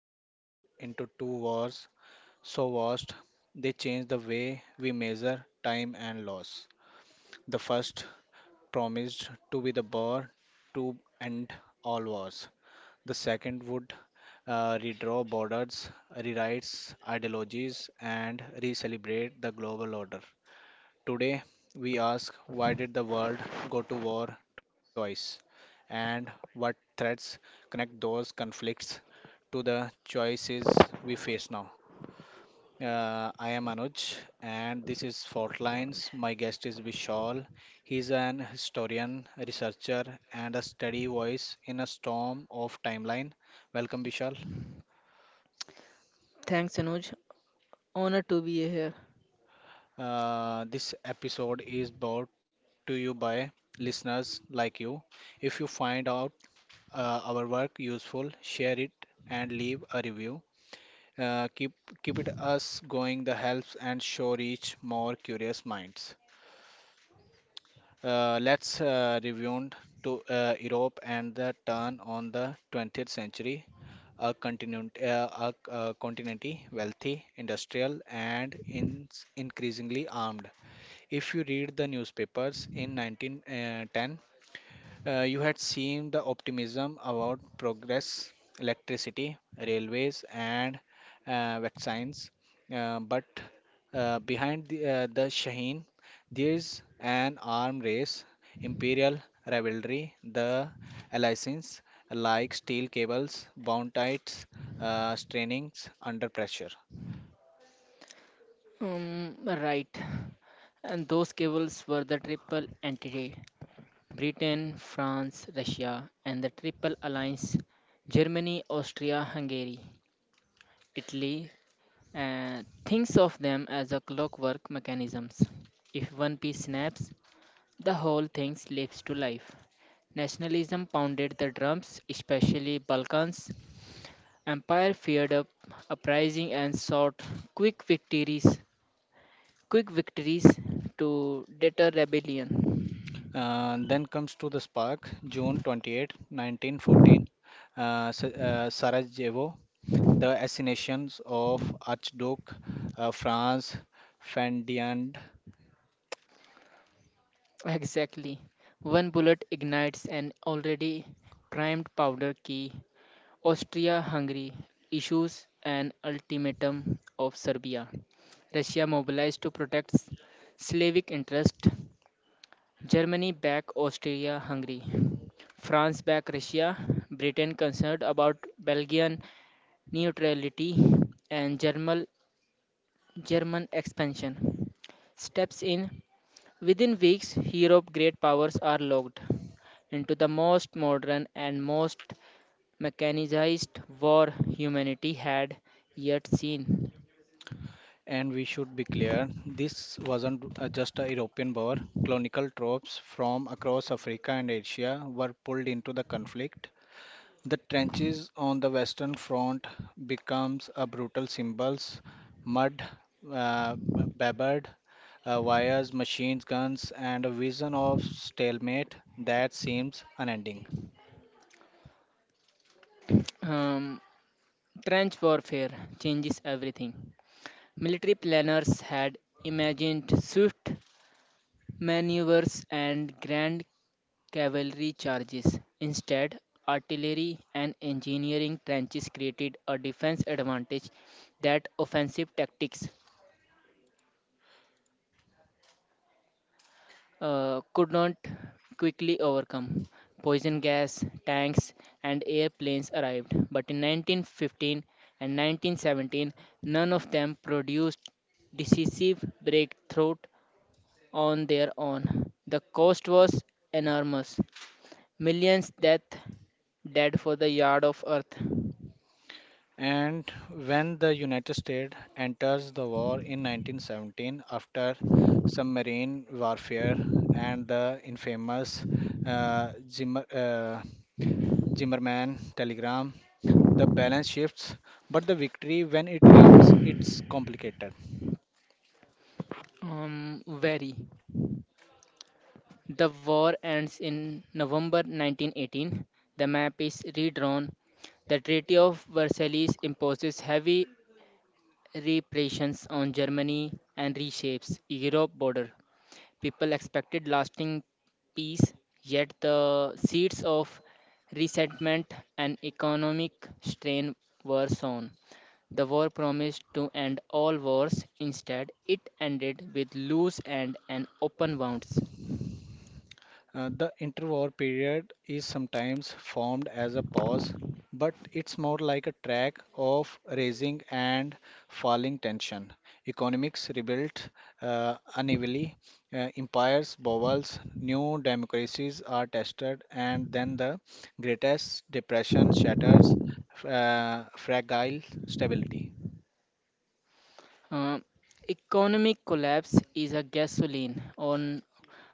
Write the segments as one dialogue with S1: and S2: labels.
S1: descended into two wars so vast they changed the way we measure time and loss. The first promised to be the war to end all wars. The second would redraw borders, rewrite ideologies, and re celebrate the global order. Today, we ask why did the world go to war twice and what threads connect those conflicts to the choices we face now. I am Anuj and this is Fault Lines. My guest is Vishal. He's an historian, a researcher, and a steady voice in a storm of timeline. Welcome, Vishal.
S2: Thanks, Anuj. Honor to be here.
S1: This episode is brought to you by listeners like you. If you find out our work useful, share it and leave a review. Uh, keep keep it us going. The helps and show reach more curious minds. Let's review to Europe and the turn on the 20th century. A continent wealthy, industrial, and increasingly armed. If you read the newspapers in 1910, you had seen the optimism about progress, electricity, railways, and vaccines. But behind the Shaheen, there's an arm race, imperial rivalry, the alliances like steel cables, bound tights, strainings under pressure.
S2: Right. And those cables were the triple entity Britain, France, Russia, and the triple alliance Germany, Austria, Hungary, Italy, and of them as a clockwork mechanisms. If one piece snaps, the whole thing slips to life. Nationalism pounded the drums, especially Balkans. Empire feared up uprising and sought quick victories Quick victories to deter rebellion.
S1: Then comes to the spark, June 28, 1914, Sarajevo. The assassinations of Archduke Franz Ferdinand.
S2: Exactly. One bullet ignites an already primed powder key. Austria Hungary issues an ultimatum of Serbia. Russia mobilized to protect Slavic interests. Germany back Austria Hungary. France back Russia. Britain concerned about Belgian neutrality and German expansion steps in. Within weeks, Europe's great powers are locked into the most modern and most mechanized war humanity had yet seen.
S1: And we should be clear, this wasn't just a european war. Colonial troops from across africa and asia were pulled into the conflict. The trenches on the western front becomes a brutal symbols, mud, uh, babbered wires, machine guns, and a vision of stalemate that seems unending.
S2: Um, Trench warfare changes everything. Military planners had imagined swift maneuvers and grand cavalry charges. Instead, artillery and engineering trenches created a defense advantage that offensive tactics could not quickly overcome. Poison gas, tanks, and airplanes arrived, but in 1915 and 1917, none of them produced decisive breakthrough on their own. The cost was enormous. Millions death dead for the yard of earth.
S1: And when the United States enters the war in 1917 after submarine warfare and the infamous uh, Zimmer, uh, Zimmerman telegram, the balance shifts, but the victory, when it comes, it's complicated.
S2: Very. The war ends in November 1918. The map is redrawn. The Treaty of Versailles imposes heavy repressions on Germany and reshapes Europe border. People expected lasting peace, yet the seeds of resentment and economic strain were sown. The war promised to end all wars. Instead, it ended with loose ends and an open wounds.
S1: The interwar period is sometimes formed as a pause, but it's more like a track of raising and falling tension. Economics rebuilt unevenly, empires, bowels, new democracies are tested, and then the greatest depression shatters fragile stability.
S2: Uh, Economic collapse is a gasoline on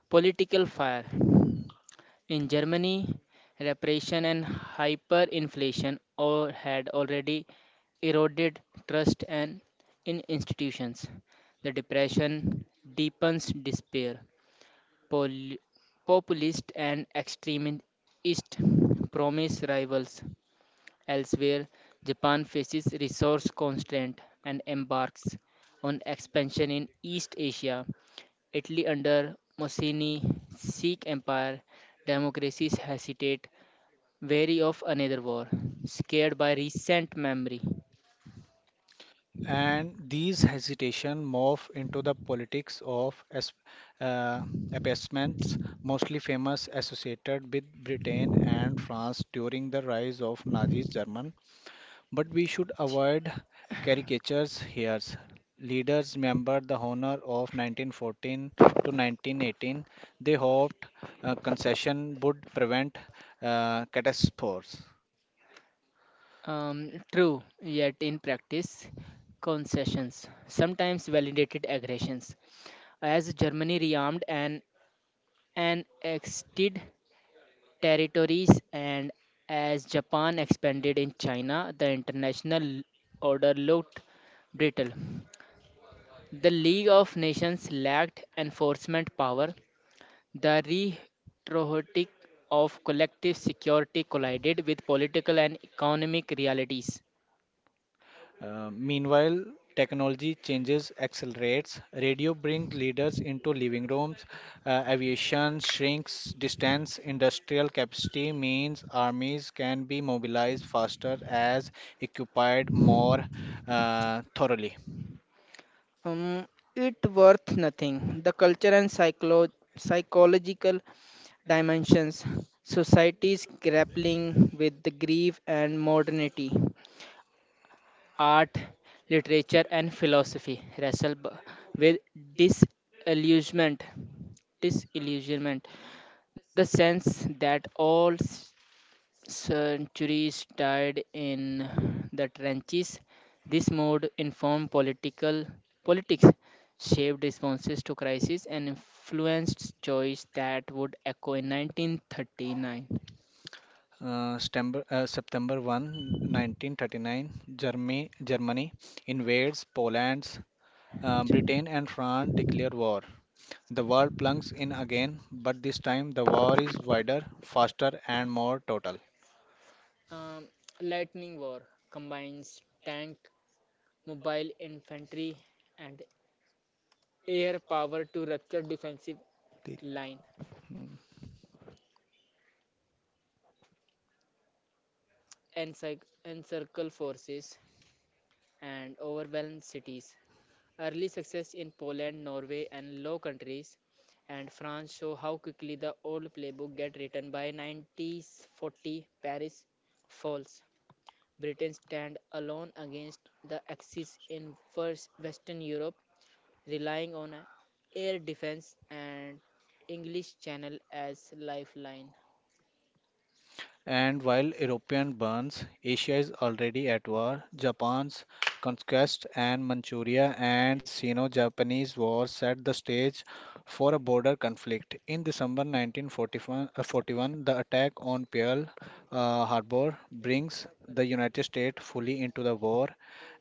S2: political fire. In Germany, repression and hyperinflation all had already eroded trust and in institutions. The depression deepens despair. Pol- Populist and extremist promise rivals. Elsewhere, Japan faces resource constraint and embarks on expansion in East Asia. Italy under Mussolini's Sikh Empire, democracies hesitate, wary of another war, scared by recent memory.
S1: And these hesitation morph into the politics of uh, appeasements, mostly famous associated with britain and france during the rise of nazi Germany. But we should avoid caricatures here. Leaders remembered the honor of 1914 to 1918. They hoped concession would prevent catastrophes.
S2: True, yet in practice, concessions sometimes validated aggressions. As Germany rearmed and annexed territories, and as Japan expanded in China, the international order looked brittle. The League of Nations lacked enforcement power. The rhetoric of collective security collided with political and economic realities.
S1: Meanwhile, technology changes accelerates. Radio brings leaders into living rooms. Aviation shrinks distance. Industrial capacity means armies can be mobilized faster as occupied more thoroughly.
S2: Um, it worth nothing. The culture and psychological dimensions, societies grappling with the grief and modernity. Art, literature, and philosophy wrestle with disillusionment. Disillusionment, the sense that all centuries died in the trenches. This mode informed political politics, shaped responses to crisis, and influenced choice that would echo in 1939.
S1: September 1, 1939, Germany invades Poland. Britain and France declare war. The war plunges in again, but this time the war is wider, faster, and more total.
S2: Um, Lightning war combines tank, mobile infantry, and air power to rupture defensive line, encircle forces, and overwhelm cities. Early success in Poland, Norway, and Low Countries and France show how quickly the old playbook get written by 1940. Paris falls. Britain stand alone against the Axis in first Western Europe, relying on a air defense and English Channel as lifeline.
S1: And while European burns, Asia is already at war. Japan's conquest and Manchuria and Sino-Japanese War set the stage for a border conflict. In December 1941, 41, the attack on Pearl Harbor brings the United States fully into the war,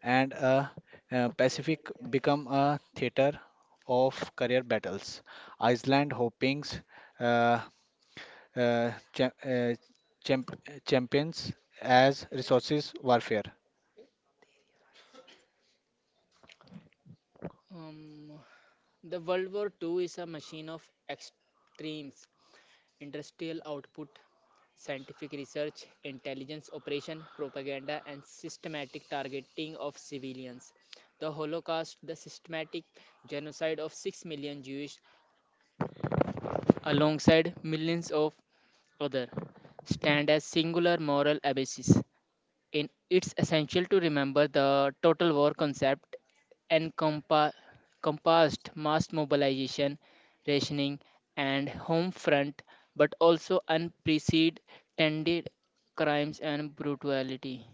S1: and Pacific become a theater of career battles. Iceland, Hopings, uh, uh, cha- uh, champ- champions as resources warfare.
S2: Um, The World War II is a machine of extremes industrial output, scientific research, intelligence operation, propaganda, and systematic targeting of civilians. The Holocaust, the systematic genocide of 6 million Jews, alongside millions of others, stand as singular moral abasis in. It's essential to remember the total war concept encompa- encompassed mass mobilization, rationing, and home front, but also unprecedented crimes and brutality.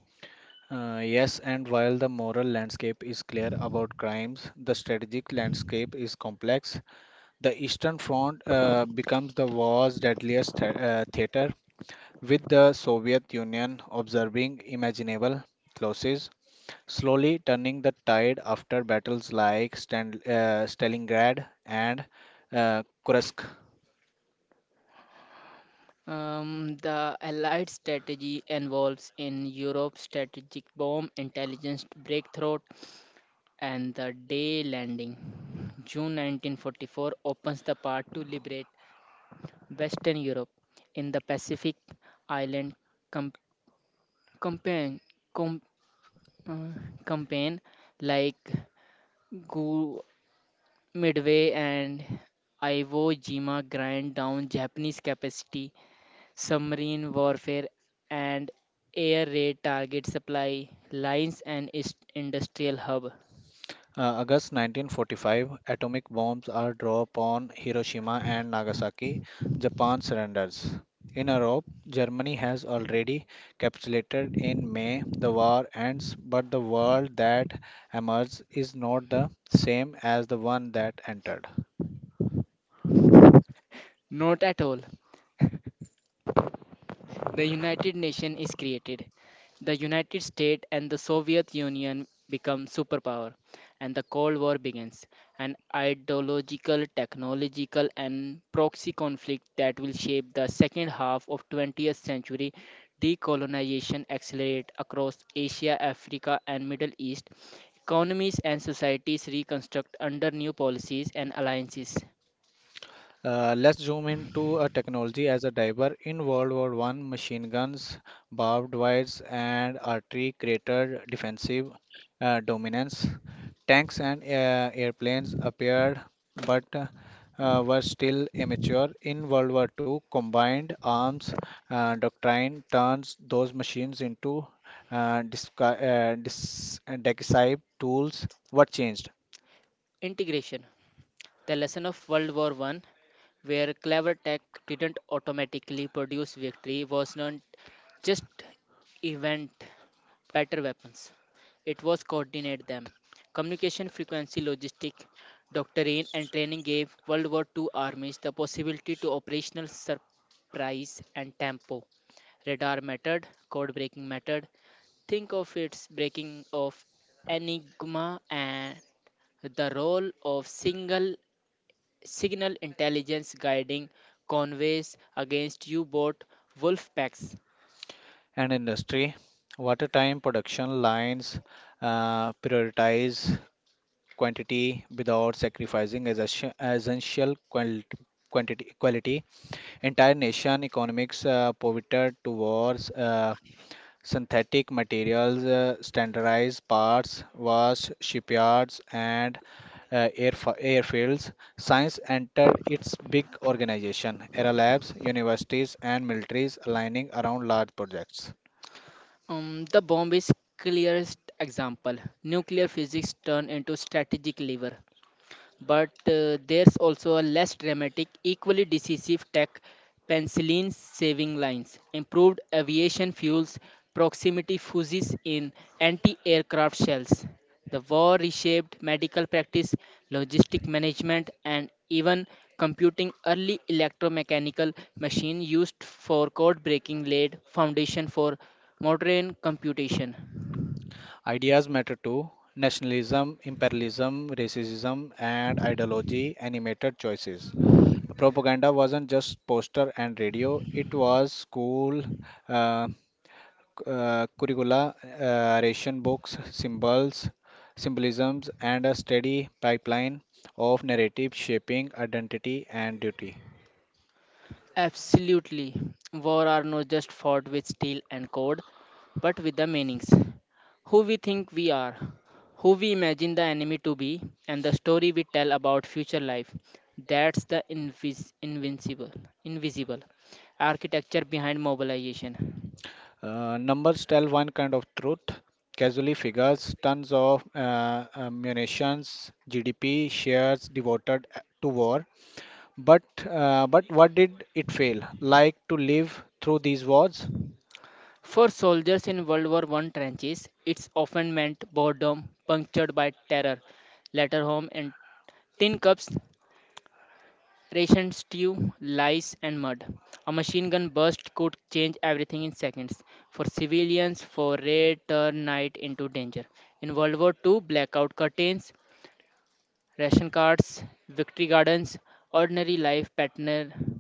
S1: Yes, and while the moral landscape is clear about crimes, the strategic landscape is complex. The Eastern Front becomes the war's deadliest theater, with the Soviet Union observing imaginable losses, slowly turning the tide after battles like Stalingrad and Kursk.
S2: The Allied strategy involves in Europe strategic bomb intelligence breakthrough and the day landing. June 1944 opens the path to liberate Western Europe, in the Pacific Island com- campaign, com- uh, campaign like Gu Midway and Iwo Jima grind down Japanese capacity, submarine warfare, and air raid target supply lines and industrial hub.
S1: August 1945, atomic bombs are dropped on Hiroshima and Nagasaki. Japan surrenders. In Europe, Germany has already capitulated in May. The war ends, but the world that emerges is not the same as the one that entered.
S2: Not at all. The United Nation is created. The United States and the Soviet Union become superpower and the Cold War begins, an ideological, technological and proxy conflict that will shape the second half of 20th century. Decolonization accelerate across Asia, Africa and Middle East. Economies and societies reconstruct under new policies and alliances.
S1: Let's zoom into a technology as a diver in World War One. Machine guns, barbed wires, and artillery created defensive dominance. Tanks and airplanes appeared, but were still immature. In World War Two, combined arms doctrine turns those machines into decisive tools. What changed?
S2: Integration. The lesson of World War I where clever tech didn't automatically produce victory was not just event better weapons. It was coordinate them. Communication frequency logistic, doctrine and training gave World War II armies the possibility to operational surprise and tempo. Radar method, code breaking method. Think of its breaking of Enigma and the role of single signal intelligence guiding convoys against U-boat wolf packs.
S1: And industry. Watertime production lines prioritize quantity without sacrificing essential quality. Entire nation economics pivoted towards synthetic materials, standardized parts, vast shipyards, and airfields, science entered its big organization, era labs, universities, and militaries aligning around large projects.
S2: The bomb is clearest example. Nuclear physics turned into strategic lever. But there's also a less dramatic, equally decisive tech penicillin saving lines, improved aviation fuels, proximity fuses in anti aircraft shells. The war reshaped medical practice, logistic management, and even computing early electromechanical machine used for code breaking laid foundation for modern computation.
S1: Ideas matter too, nationalism, imperialism, racism, and ideology animated choices. Propaganda wasn't just poster and radio, it was school, uh, curricula, ration books, symbolisms, and a steady pipeline of narrative shaping identity and duty.
S2: Absolutely. War are not just fought with steel and code, but with the meanings. Who we think we are, who we imagine the enemy to be, and the story we tell about future life. That's the invisible architecture behind mobilization.
S1: Numbers tell one kind of truth. Casually figures, tons of munitions, GDP, shares devoted to war. But but what did it fail? Like to live through these wars.
S2: For soldiers in World War I trenches, it's often meant boredom punctured by terror, letter home, and tin cups, ration stew, lice, and mud. A machine gun burst could change everything in seconds. For civilians, foray turned night into danger. In World War II, blackout curtains, ration cards, victory gardens, ordinary life pattern,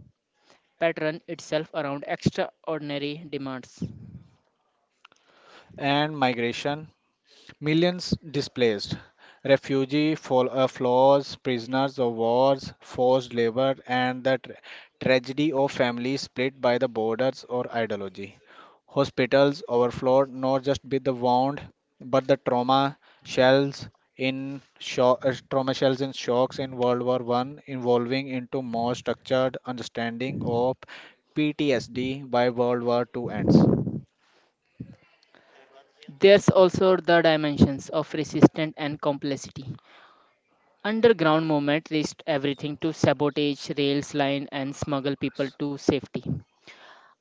S2: pattern itself around extraordinary demands.
S1: And migration. Millions displaced, refugee floors, prisoners of wars, forced labor, and the tragedy of families split by the borders or ideology. Hospitals overflowed not just with the wound, but the trauma shells in shocks in World War One, evolving into more structured understanding of PTSD by World War Two ends.
S2: There's also the dimensions of resistance and complexity. Underground movement risked everything to sabotage rails line and smuggle people to safety.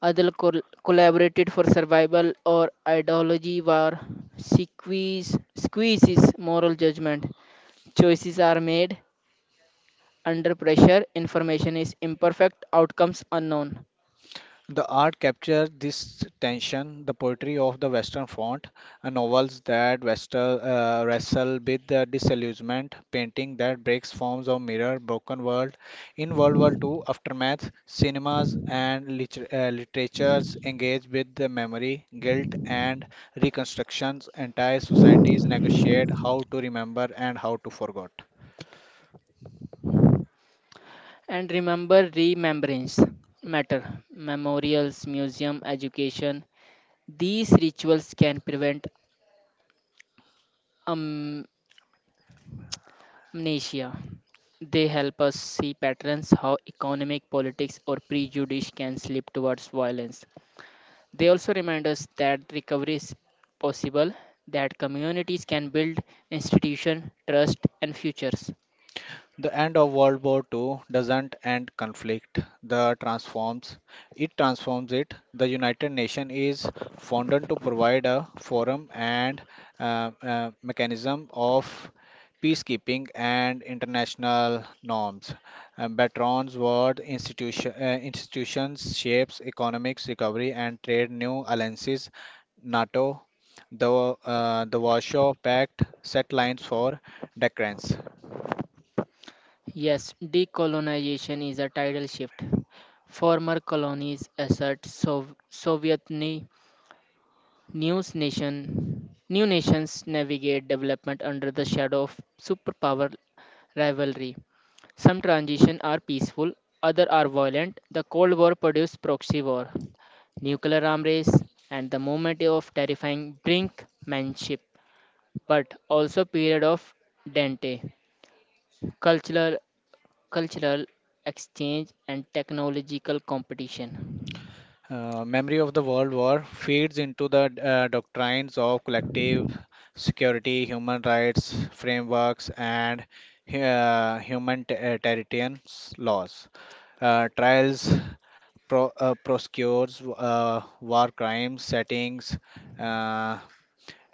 S2: Other collaborated for survival or ideology war. Squeezes moral judgment. Choices are made under pressure. Information is imperfect. Outcomes unknown.
S1: The art captures this tension, the poetry of the Western font, novels that wrestle with the disillusionment, painting that breaks forms of mirror, broken world. In World War II, aftermath, cinemas and literatures engage with the memory, guilt, and reconstructions. Entire societies negotiate how to remember and how to forget.
S2: And remembrance matter. Memorials, museum, education. These rituals can prevent am- amnesia. They help us see patterns how economic politics or prejudice can slip towards violence. They also remind us that recovery is possible, that communities can build institution, trust, and futures.
S1: The end of World War II doesn't end conflict, the transforms it transforms it. The United Nations is founded to provide a forum and mechanism of peacekeeping and international norms. Institutions shapes economics recovery and trade new alliances. NATO, the Warsaw Pact set lines for deterrence.
S2: Yes, decolonization is a tidal shift. Former colonies assert Soviet news nation. New nations navigate development under the shadow of superpower rivalry. Some transitions are peaceful, others are violent. The Cold War produced proxy war, nuclear arms race, and the moment of terrifying brinkmanship, but also period of dente, cultural cultural exchange and technological competition.
S1: Memory of the World War feeds into the doctrines of collective security, human rights frameworks, and humanitarian laws. Trials prosecutes war crimes settings, uh,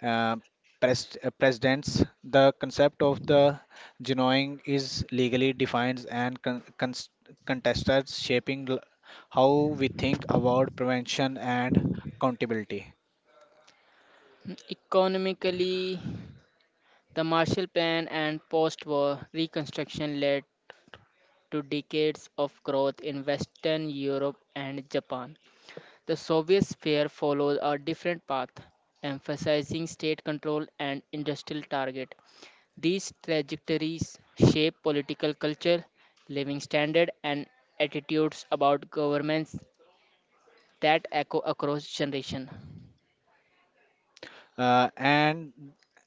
S1: uh, precedents. The concept of the genuine is legally defined and contested, shaping how we think about prevention and accountability.
S2: Economically, the Marshall Plan and post-war reconstruction led to decades of growth in Western Europe and Japan. The Soviet sphere followed a different path, emphasizing state control and industrial target. These trajectories shape political culture, living standard, and attitudes about governments that echo across generation.
S1: And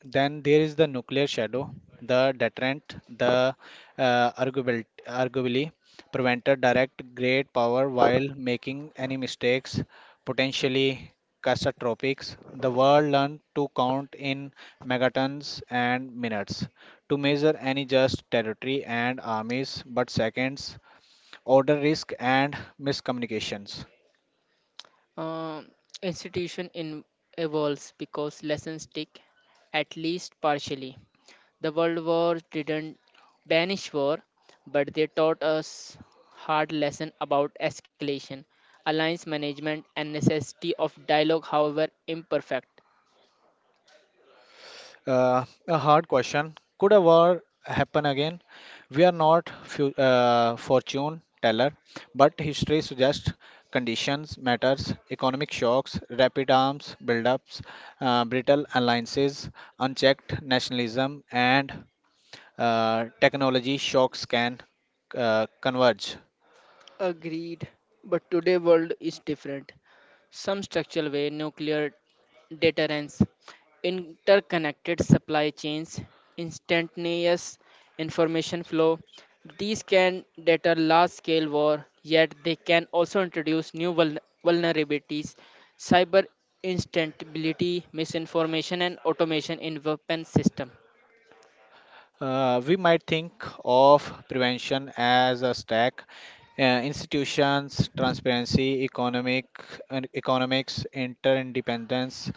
S1: then there is the nuclear shadow, the deterrent, the arguably prevented direct great power while making any mistakes, potentially catastrophic. The world learned to count in megatons and minutes, to measure any just territory and armies, but seconds, order risk, and miscommunications.
S2: Uh, Institution evolves because lessons stick, at least partially. The World War didn't banish war, but they taught us hard lesson about escalation, alliance management, and necessity of dialogue, however imperfect.
S1: A hard question. Could a war happen again? We are not fortune teller, but history suggests conditions matters, economic shocks, rapid arms buildups, brittle alliances, unchecked nationalism, and technology shocks can converge.
S2: Agreed, but today world is different. Some structural way, nuclear deterrence, interconnected supply chains, instantaneous information flow. These can deter large scale war, yet they can also introduce new vulnerabilities, cyber instability, misinformation, and automation in weapon system.
S1: We might think of prevention as a stack. Institutions, transparency, economics, interdependence,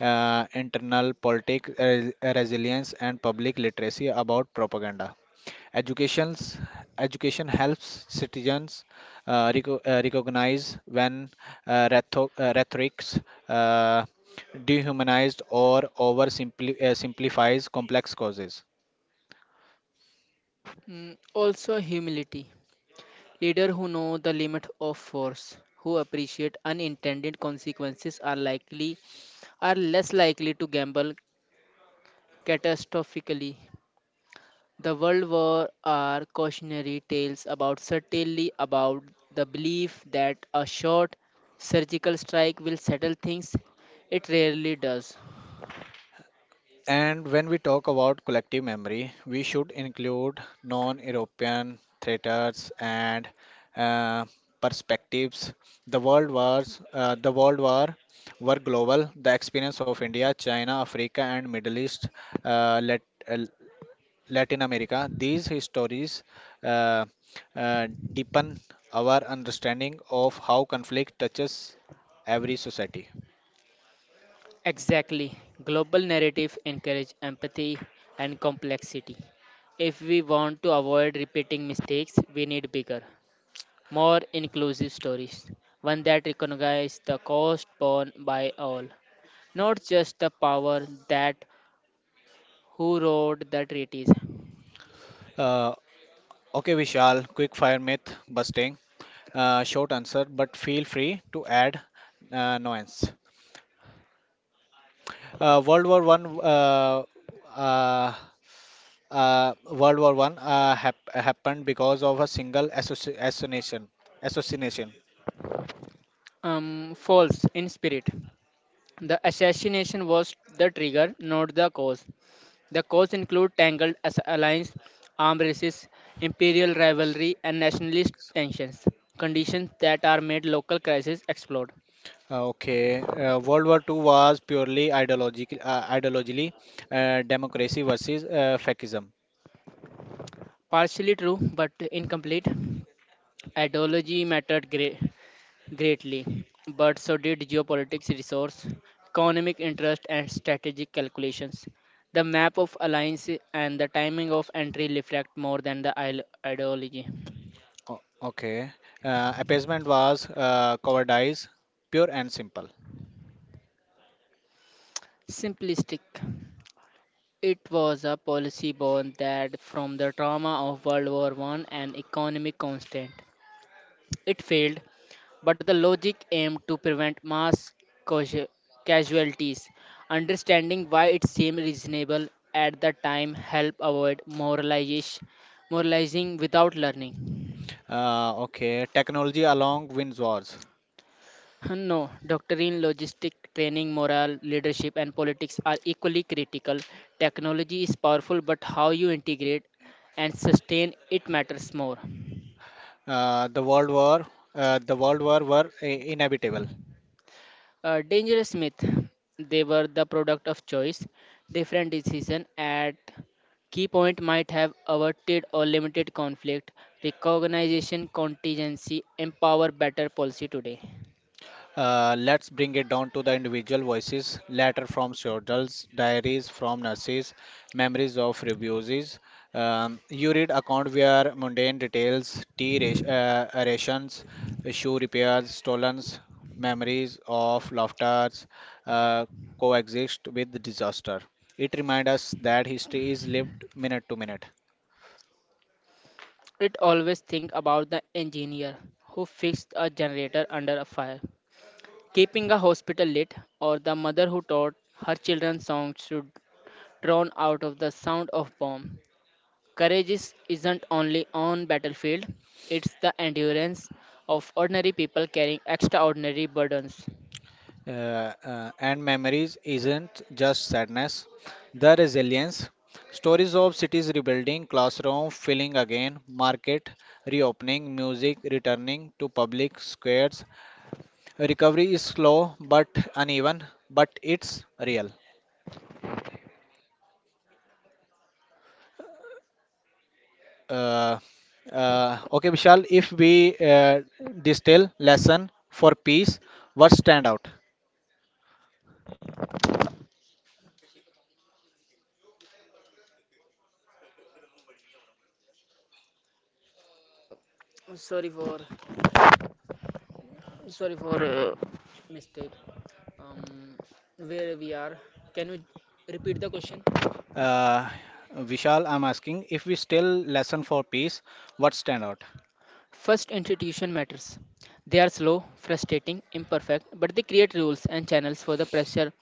S1: internal politics, resilience, and public literacy about propaganda. Education's, Education helps citizens recognize when rhetorics uh, dehumanized or over simplifies complex causes.
S2: Also humility. Leaders who know the limit of force, who appreciate unintended consequences are less likely to gamble catastrophically. The World War are cautionary tales about certainly about the belief that a short surgical strike will settle things. It rarely does.
S1: And when we talk about collective memory, we should include non European theaters and uh, perspectives. The world war were global. The experience of India, China, Africa, and Middle East, uh, Lat- uh, Latin America. These histories uh, deepen our understanding of how conflict touches every society.
S2: Exactly. Global narrative encourage empathy and complexity. If we want to avoid repeating mistakes, we need bigger more inclusive stories, one that recognizes the cost borne by all, not just the power that who wrote the treaties.
S1: Uh, okay, Vishal, quick fire myth busting. Short answer, but feel free to add nuance. Uh, World War One. Uh, uh, World War One happened because of a single assassination. Assassination.
S2: False in spirit. The assassination was the trigger, not the cause. The cause include tangled alliance, armed races, imperial rivalry, and nationalist tensions, conditions that are made local crises explode.
S1: Okay. World War Two was purely ideologically, democracy versus fascism.
S2: Partially true, but incomplete. Ideology mattered greatly, but so did geopolitics resource, economic interest, and strategic calculations. The map of alliance and the timing of entry reflect more than the ideology.
S1: Okay. Appeasement was cowardice, pure and simple.
S2: Simplistic. It was a policy born that from the trauma of World War I and economic constant. It failed, but the logic aimed to prevent mass causua- casualties. Understanding why it seemed reasonable at the time helped avoid moralizing without learning.
S1: Okay. Technology along wins wars.
S2: No, doctrine, logistic training, morale, leadership, and politics are equally critical. Technology is powerful, but how you integrate and sustain it matters more.
S1: Uh, the world war, the world war were inevitable.
S2: A dangerous myth. They were the product of choice. Different decision at key point might have averted or limited conflict. Recognition, contingency, empower better policy today.
S1: Let's bring it down to the individual voices. Letter from soldiers, diaries from nurses, memories of refugees. You read account where mundane details, tea rations, shoe repairs, stolen memories of laughters uh, coexist with disaster. It reminds us that history is lived minute to minute.
S2: It always think about the engineer who fixed a generator under a fire, keeping a hospital lit, or the mother who taught her children songs to drown out of the sound of bomb. Courage isn't only on battlefield, it's the endurance of ordinary people carrying extraordinary burdens.
S1: Uh, and memories isn't just sadness, the resilience. Stories of cities rebuilding, classroom filling again, market reopening, music returning to public squares. Recovery is slow but uneven, but it's real. Uh, okay, Vishal, if we distill lesson for peace, what stand out?
S2: Uh, sorry for sorry for mistake. Um, where we are? Can you repeat the question?
S1: Uh, Vishal, I'm asking if we still lesson for peace, what stand out?
S2: First, institution matters. They are slow, frustrating, imperfect, but they create rules and channels for the pressure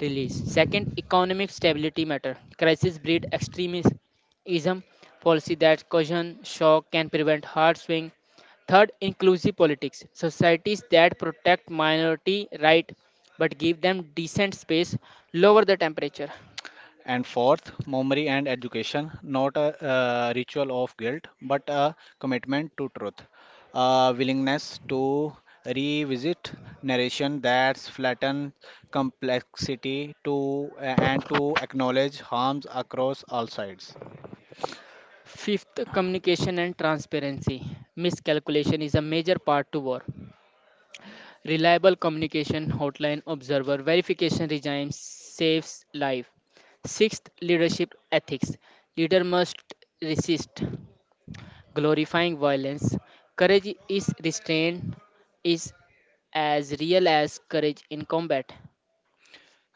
S2: release. Second, economic stability matter. Crisis breed extremism, policy that caution shock can prevent hard swing. Third, inclusive politics. Societies that protect minority right but give them decent space lower the temperature.
S1: And fourth, memory and education, not a ritual of guilt, but a commitment to truth, a willingness to revisit narration that's flatten complexity to and to acknowledge harms across all sides.
S2: Fifth, communication and transparency. Miscalculation is a major part to war. Reliable communication hotline observer verification regime saves life. Sixth, leadership ethics. Leader must resist glorifying violence. Courage is restraint is as real as courage in combat.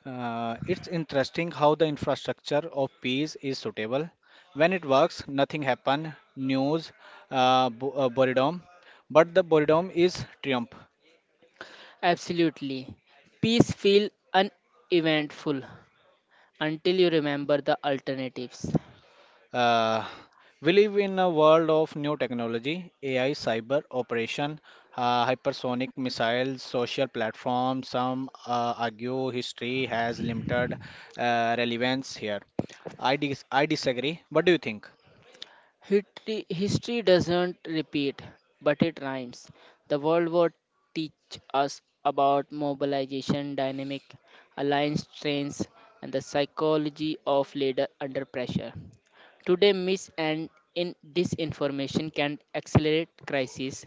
S1: It's interesting how the infrastructure of peace is suitable. When it works, nothing happen, news, boredom, but the boredom is triumph.
S2: Absolutely. Peace feel uneventful until you remember the alternatives.
S1: Uh, we live in a world of new technology, AI, cyber operation, hypersonic missiles, social platforms. Some argue history has limited relevance here. I disagree. What do you think?
S2: History doesn't repeat, but it rhymes. The World War teach us about mobilization, dynamic alliance strains, and the psychology of leader under pressure. Today, mis and in disinformation can accelerate crises.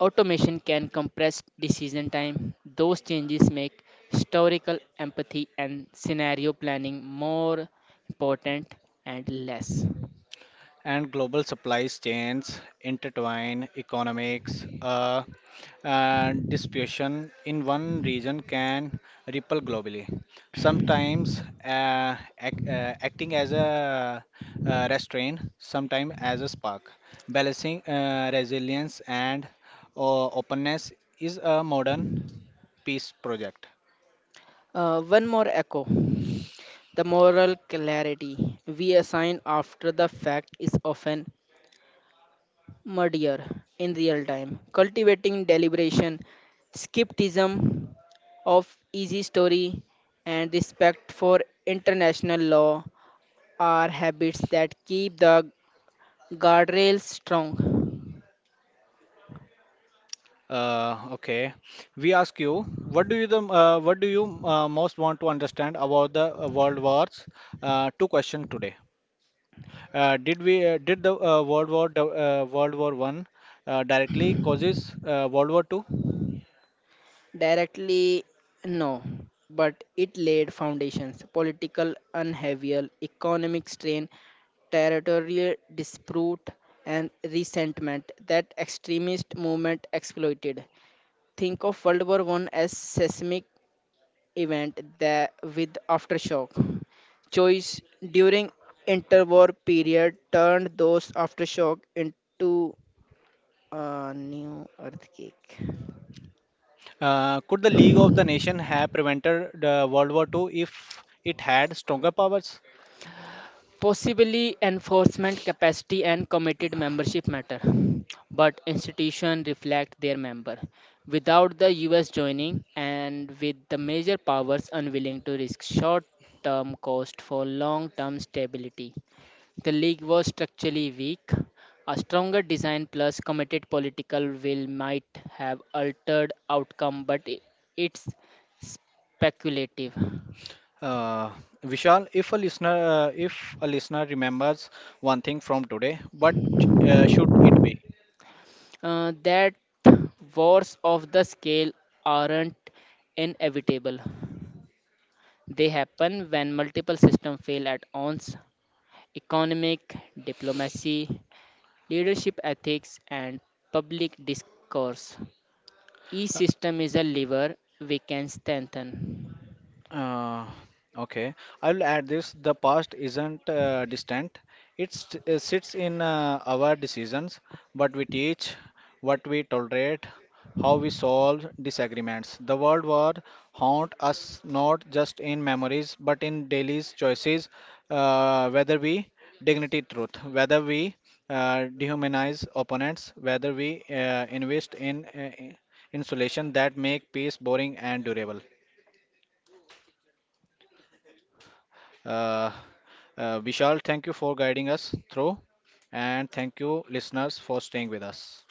S2: Automation can compress decision time. Those changes make historical empathy and scenario planning more important and less.
S1: And global supply chains intertwine economics and distribution in one region can ripple globally, sometimes acting as a restraint, sometimes as a spark. Balancing resilience and openness is a modern peace project.
S2: One more echo. The moral clarity we assign after the fact is often muddier in real time. Cultivating deliberation, skepticism of easy story, and respect for international law are habits that keep the guardrails strong.
S1: Okay. We ask you, what do you the what do you most want to understand about the World Wars? Two questions today. Did we did the World War do- World War One directly causes World War Two?
S2: Directly, no, but it laid foundations, political unheavial, economic strain, territorial dispute, and resentment that extremist movement exploited. Think of World War I as seismic event that with aftershock. Choice during interwar period turned those aftershock into a new earthquake.
S1: Could the League of the Nation have prevented the World War Two if it had stronger powers?
S2: Possibly enforcement capacity and committed membership matter, but institutions reflect their member. Without the US joining and with the major powers unwilling to risk short term cost for long term stability, the league was structurally weak. A stronger design plus committed political will might have altered outcome, but it's speculative.
S1: Uh, Vishal, if a listener remembers one thing from today, what should it be?
S2: That wars of the scale aren't inevitable. They happen when multiple systems fail at once. Economic, diplomacy, leadership ethics, and public discourse. Each system is a lever we can strengthen.
S1: Uh, okay, I'll add this. The past isn't distant. It sits in our decisions, what we teach, what we tolerate, how we solve disagreements. The World War haunt us not just in memories, but in daily choices, whether we dignity truth, whether we dehumanize opponents, whether we invest in insulation that make peace boring and durable. Uh, Vishal, thank you for guiding us through, and thank you, listeners, for staying with us.